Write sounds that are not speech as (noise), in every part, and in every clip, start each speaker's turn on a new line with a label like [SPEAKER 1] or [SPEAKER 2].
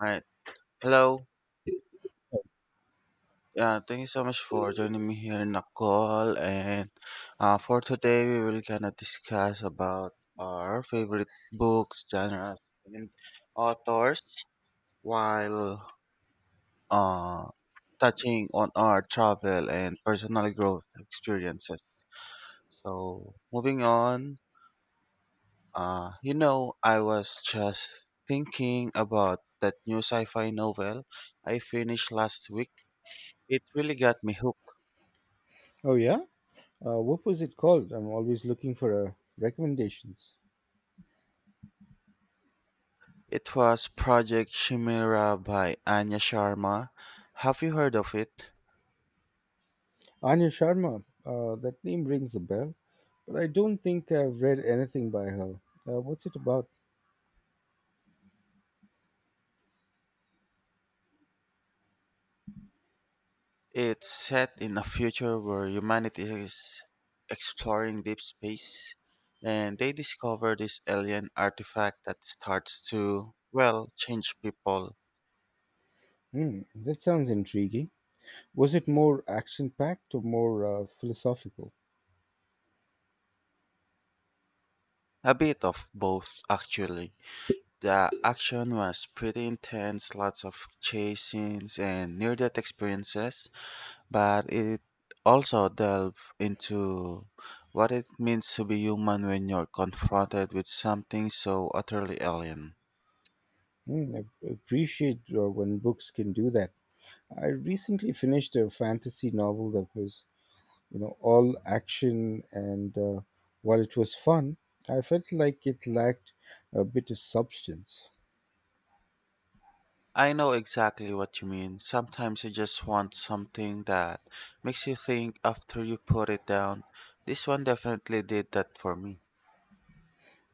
[SPEAKER 1] Alright. Hello. Yeah, thank you so much for joining me here in the call. And For today, we will kind of discuss about our favorite books, genres, and authors while uh, touching on our travel and personal growth experiences. So, moving on, I was just thinking about that new sci fi novel I finished last week. It really got me hooked.
[SPEAKER 2] Oh yeah, what was it called? I'm always looking for recommendations.
[SPEAKER 1] It was Project Chimera by Anya Sharma. Have you heard of it?
[SPEAKER 2] Anya Sharma, that name rings a bell, but I don't think I've read anything by her. What's it about?
[SPEAKER 1] It's set in a future where humanity is exploring deep space and they discover this alien artifact that starts to, well, change people.
[SPEAKER 2] Hmm, that sounds intriguing. Was it more action packed or more philosophical?
[SPEAKER 1] A bit of both, actually. The action was pretty intense, lots of chase scenes and near death experiences, but it also delves into what it means to be human when you're confronted with something so utterly alien.
[SPEAKER 2] Hmm, I appreciate when books can do that. I recently finished a fantasy novel that was you know all action, and while it was fun, I felt like it lacked a bit of substance.
[SPEAKER 1] I know exactly what you mean. Sometimes you just want something that makes you think after you put it down. This one definitely did that for me.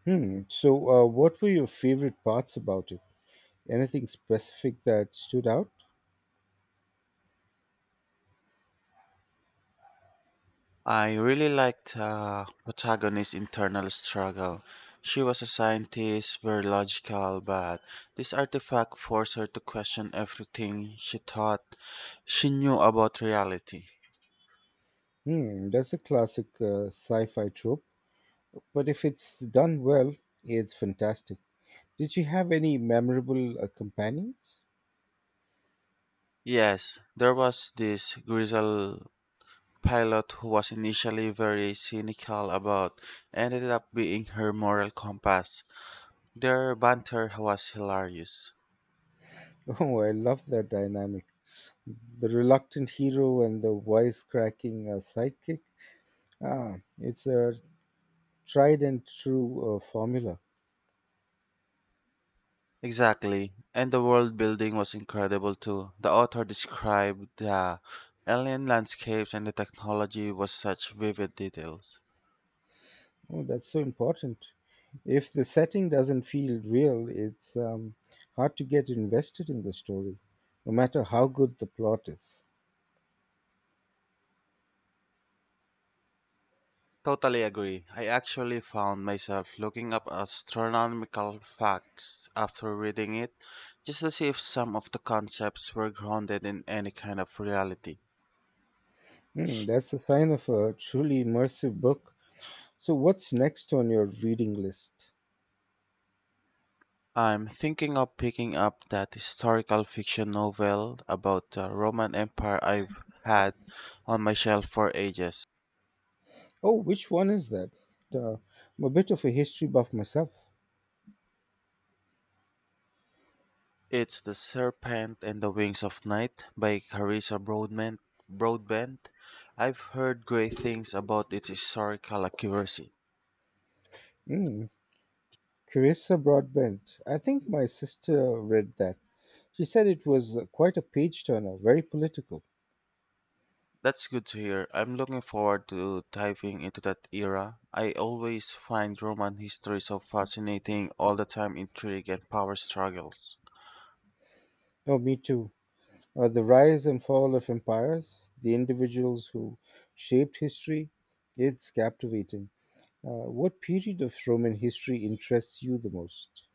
[SPEAKER 2] Hmm, so what were your favorite parts about it? Anything specific that stood out?
[SPEAKER 1] I really liked protagonist's internal struggle. She was a scientist, very logical, but this artifact forced her to question everything she thought she knew about reality.
[SPEAKER 2] Hmm, that's a classic sci-fi trope, but if it's done well, it's fantastic. Did you have any memorable companions?
[SPEAKER 1] Yes, there was this grizzled pilot who was initially very cynical about ended up being her moral compass. Their banter was hilarious.
[SPEAKER 2] (laughs) Oh, I love that dynamic, the reluctant hero and the wisecracking sidekick. Ah, it's a tried and true formula.
[SPEAKER 1] Exactly. And the world building was incredible too. The author described the alien landscapes and the technology with such vivid details.
[SPEAKER 2] Oh, that's so important. If the setting doesn't feel real, it's hard to get invested in the story, no matter how good the plot is.
[SPEAKER 1] Totally agree. I actually found myself looking up astronomical facts after reading it just to see if some of the concepts were grounded in any kind of reality.
[SPEAKER 2] Hmm, that's a sign of a truly immersive book. So, what's next on your reading list?
[SPEAKER 1] I'm thinking of picking up that historical fiction novel about the Roman Empire I've had on my shelf for ages.
[SPEAKER 2] Oh, which one is that? Uh, I'm a bit of a history buff myself.
[SPEAKER 1] It's The Serpent and the Wings of Night by Carissa Broadbent. I've heard great things about its historical accuracy.
[SPEAKER 2] Mm, Carissa Broadbent. I think my sister read that. She said it was quite a page turner, very political.
[SPEAKER 1] That's good to hear. I'm looking forward to diving into that era. I always find Roman history so fascinating, all the time intrigue and power struggles.
[SPEAKER 2] Oh, me too. The rise and fall of empires, the individuals who shaped history, it's captivating. What period of Roman history interests you the most?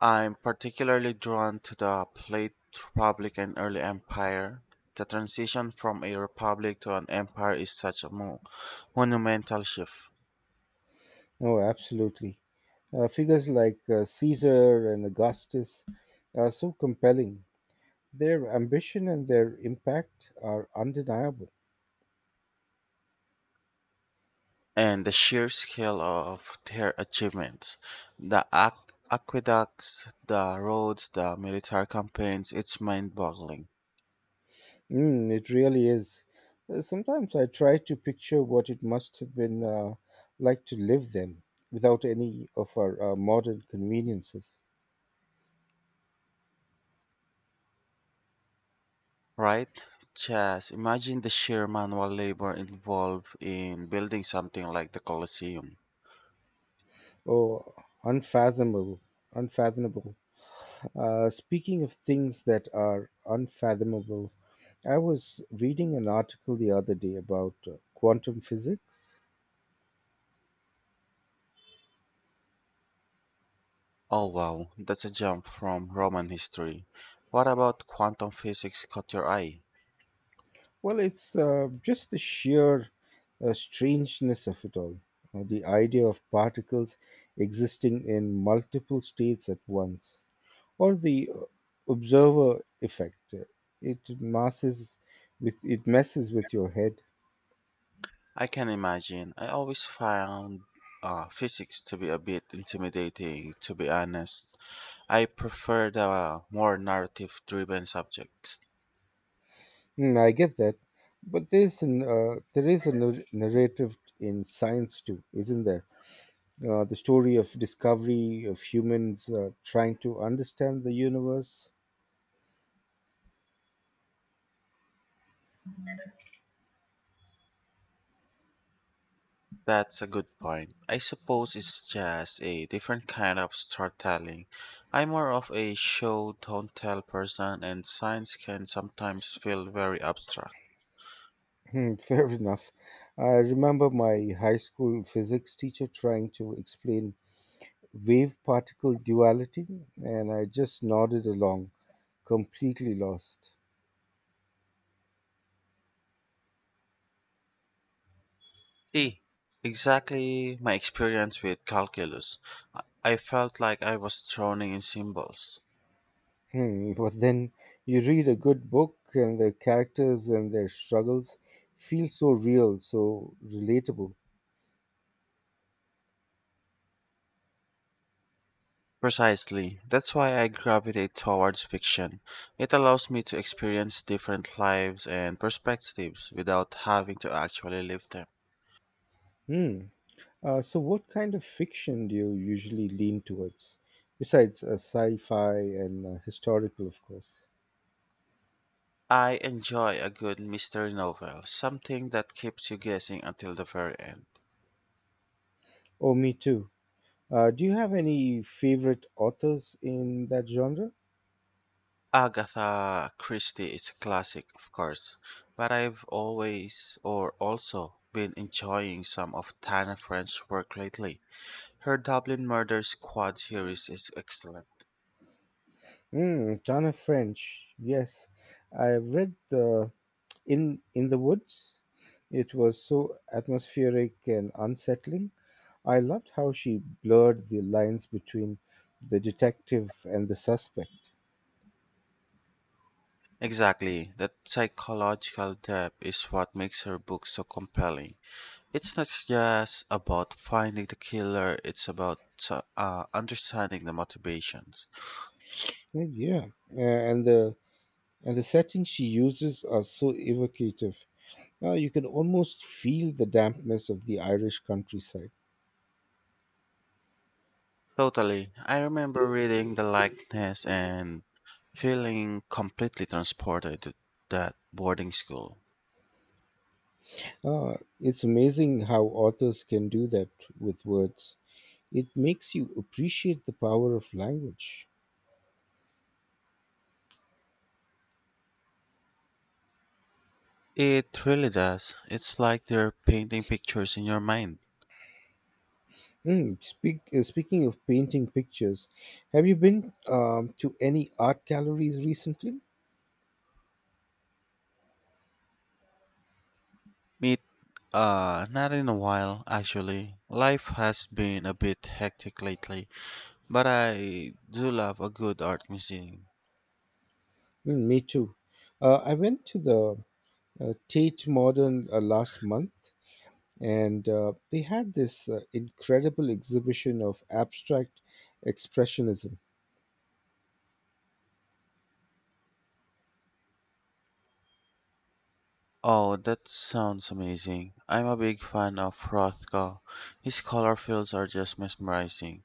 [SPEAKER 1] I'm particularly drawn to the late Republic and early empire. The transition from a republic to an empire is such a monumental shift,
[SPEAKER 2] Oh, absolutely. Figures like Caesar and Augustus are so compelling. Their ambition and their impact are undeniable.
[SPEAKER 1] and the sheer scale of their achievements. The aqueducts, the roads, the military campaigns, it's mind boggling,
[SPEAKER 2] Mm, it really is. Sometimes I try to picture what it must have been like to live then, without any of our modern conveniences.
[SPEAKER 1] right? Just imagine the sheer manual labor involved in building something like the Colosseum.
[SPEAKER 2] Oh, unfathomable, unfathomable. Speaking of things that are unfathomable, I was reading an article the other day about quantum physics.
[SPEAKER 1] Oh wow, that's a jump from Roman history. What about quantum physics caught your eye?
[SPEAKER 2] Well, it's just the sheer strangeness of it all. The idea of particles existing in multiple states at once, or the observer effect. It masses With it messes with your head.
[SPEAKER 1] I can imagine. I always found physics to be a bit intimidating, to be honest. I prefer the more narrative driven subjects.
[SPEAKER 2] Mm, I get that, but there is a narrative in science too, isn't there? The story of discovery of humans trying to understand the universe.
[SPEAKER 1] That's a good point. I suppose it's just a different kind of storytelling. I'm more of a show don't tell person, and science can sometimes feel very abstract.
[SPEAKER 2] Hmm, (laughs) fair enough. I remember my high school physics teacher trying to explain wave particle duality, and I just nodded along, completely lost.
[SPEAKER 1] See, exactly my experience with calculus. I felt like I was drowning in symbols.
[SPEAKER 2] Hmm, (laughs) but then you read a good book, and the characters and their struggles feel so real, so relatable.
[SPEAKER 1] Precisely. That's why I gravitate towards fiction. It allows me to experience different lives and perspectives without having to actually live them.
[SPEAKER 2] Hmm. So, what kind of fiction do you usually lean towards? Besides sci fi and historical, of course.
[SPEAKER 1] I enjoy a good mystery novel, something that keeps you guessing until the very end.
[SPEAKER 2] Oh, me too. Do you have any favorite authors in that genre?
[SPEAKER 1] Agatha Christie is a classic, of course, but I've always or also been enjoying some of Tana French's work lately. Her Dublin Murder Squad series is excellent.
[SPEAKER 2] Mm, ton of French. Yes, I've read the in the woods. It was so atmospheric and unsettling. I loved how she blurred the lines between the detective and the suspect.
[SPEAKER 1] Exactly, that psychological depth is what makes her book so compelling. It's not just about finding the killer, it's about understanding the motivations.
[SPEAKER 2] Oh, yeah. Uh, and the and the settings she uses are so evocative. Now you can almost feel the dampness of the Irish countryside.
[SPEAKER 1] Totally. I remember reading The Likeness and feeling completely transported to that boarding school.
[SPEAKER 2] Ah, it's amazing how authors can do that with words. It makes you appreciate the power of language.
[SPEAKER 1] It really does. It's like they're painting pictures in your mind.
[SPEAKER 2] Mm, speaking of painting pictures, have you been to any art galleries recently?
[SPEAKER 1] Meet, Not in a while, actually. Life has been a bit hectic lately, but I do love a good art museum.
[SPEAKER 2] Mm, me too. I went to the Tate Modern last month, and they had this incredible exhibition of abstract expressionism.
[SPEAKER 1] Oh, that sounds amazing. I'm a big fan of Rothko. His color fields are just mesmerizing.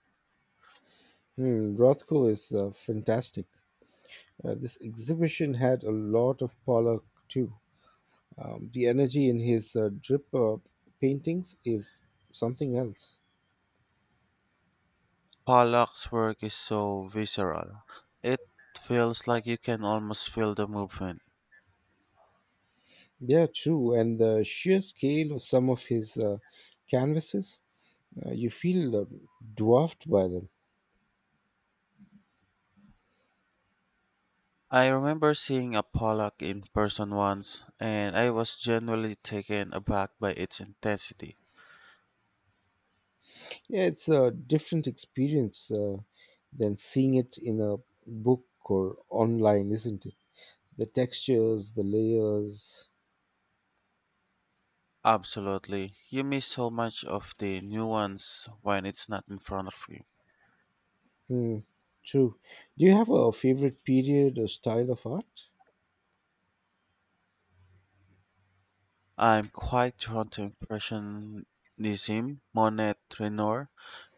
[SPEAKER 2] Mm, Rothko is fantastic. This exhibition had a lot of Pollock too. The energy in his drip paintings is something else.
[SPEAKER 1] Pollock's work is so visceral. It feels like you can almost feel the movement.
[SPEAKER 2] Yeah, true. And the sheer scale of some of his canvases, you feel dwarfed by them.
[SPEAKER 1] I remember seeing a Pollock in person once, and I was genuinely taken aback by its intensity.
[SPEAKER 2] Yeah, it's a different experience than seeing it in a book or online, isn't it? The textures, the layers.
[SPEAKER 1] Absolutely. You miss so much of the nuance when it's not in front of you.
[SPEAKER 2] Hmm, true. Do you have a favorite period or style of art?
[SPEAKER 1] I'm quite drawn to Impressionism, Monet, Renoir,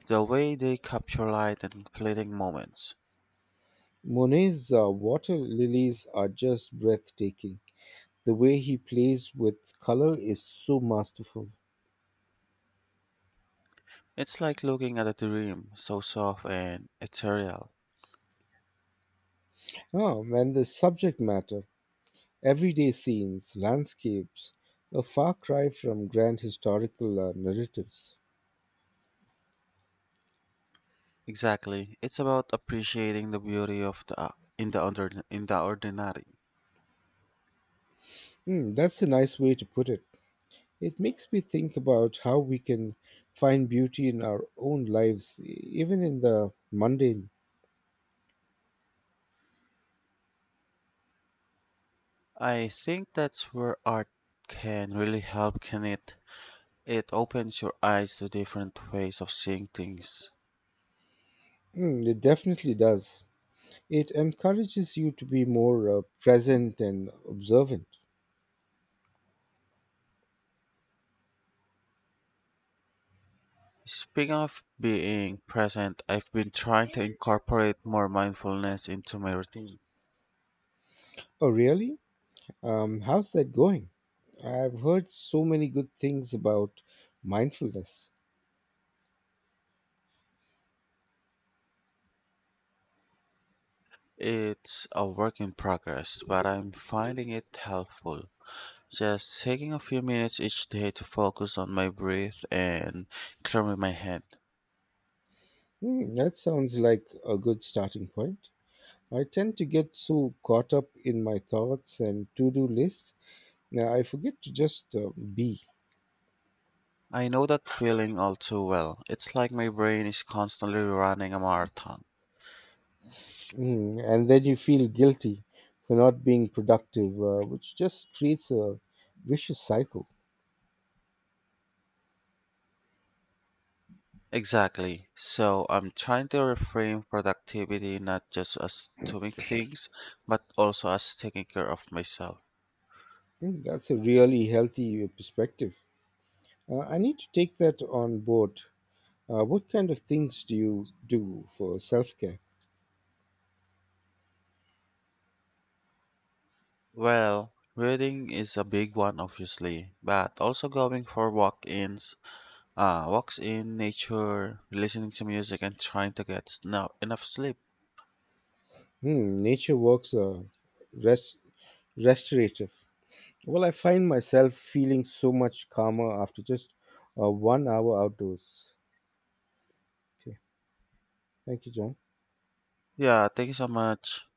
[SPEAKER 1] the way they capture light and fleeting moments.
[SPEAKER 2] Monet's water lilies are just breathtaking. The way he plays with color is so masterful.
[SPEAKER 1] It's like looking at a dream, so soft and ethereal.
[SPEAKER 2] Ah, and the subject matter, everyday scenes, landscapes, a far cry from grand historical narratives.
[SPEAKER 1] Exactly. It's about appreciating the beauty of the in the ordinary.
[SPEAKER 2] Hmm, that's a nice way to put it. It makes me think about how we can find beauty in our own lives, even in the mundane.
[SPEAKER 1] I think that's where art can really help, can it? It opens your eyes to different ways of seeing things.
[SPEAKER 2] Hmm, it definitely does. It encourages you to be more present and observant.
[SPEAKER 1] Speaking of being present, I've been trying to incorporate more mindfulness into my routine.
[SPEAKER 2] Oh, really? How's that going? I've heard so many good things about mindfulness.
[SPEAKER 1] It's a work in progress, but I'm finding it helpful. Just taking a few minutes each day to focus on my breath and clearing my head.
[SPEAKER 2] Hmm, that sounds like a good starting point. I tend to get so caught up in my thoughts and to do lists, I forget to just be.
[SPEAKER 1] I know that feeling all too well. It's like my brain is constantly running a marathon.
[SPEAKER 2] Hmm, and then you feel guilty for not being productive, which just creates a vicious cycle.
[SPEAKER 1] Exactly. So I'm trying to reframe productivity not just as doing things, but also as taking care of myself.
[SPEAKER 2] Hmm, that's a really healthy perspective. I need to take that on board. What kind of things do you do for self care?
[SPEAKER 1] Well, reading is a big one, obviously, but also going for walks in nature, listening to music, and trying to get enough sleep.
[SPEAKER 2] Hmm, nature walks are rest, restorative. Well, I find myself feeling so much calmer after just 1 hour outdoors. Okay, thank you, John.
[SPEAKER 1] Yeah, thank you so much.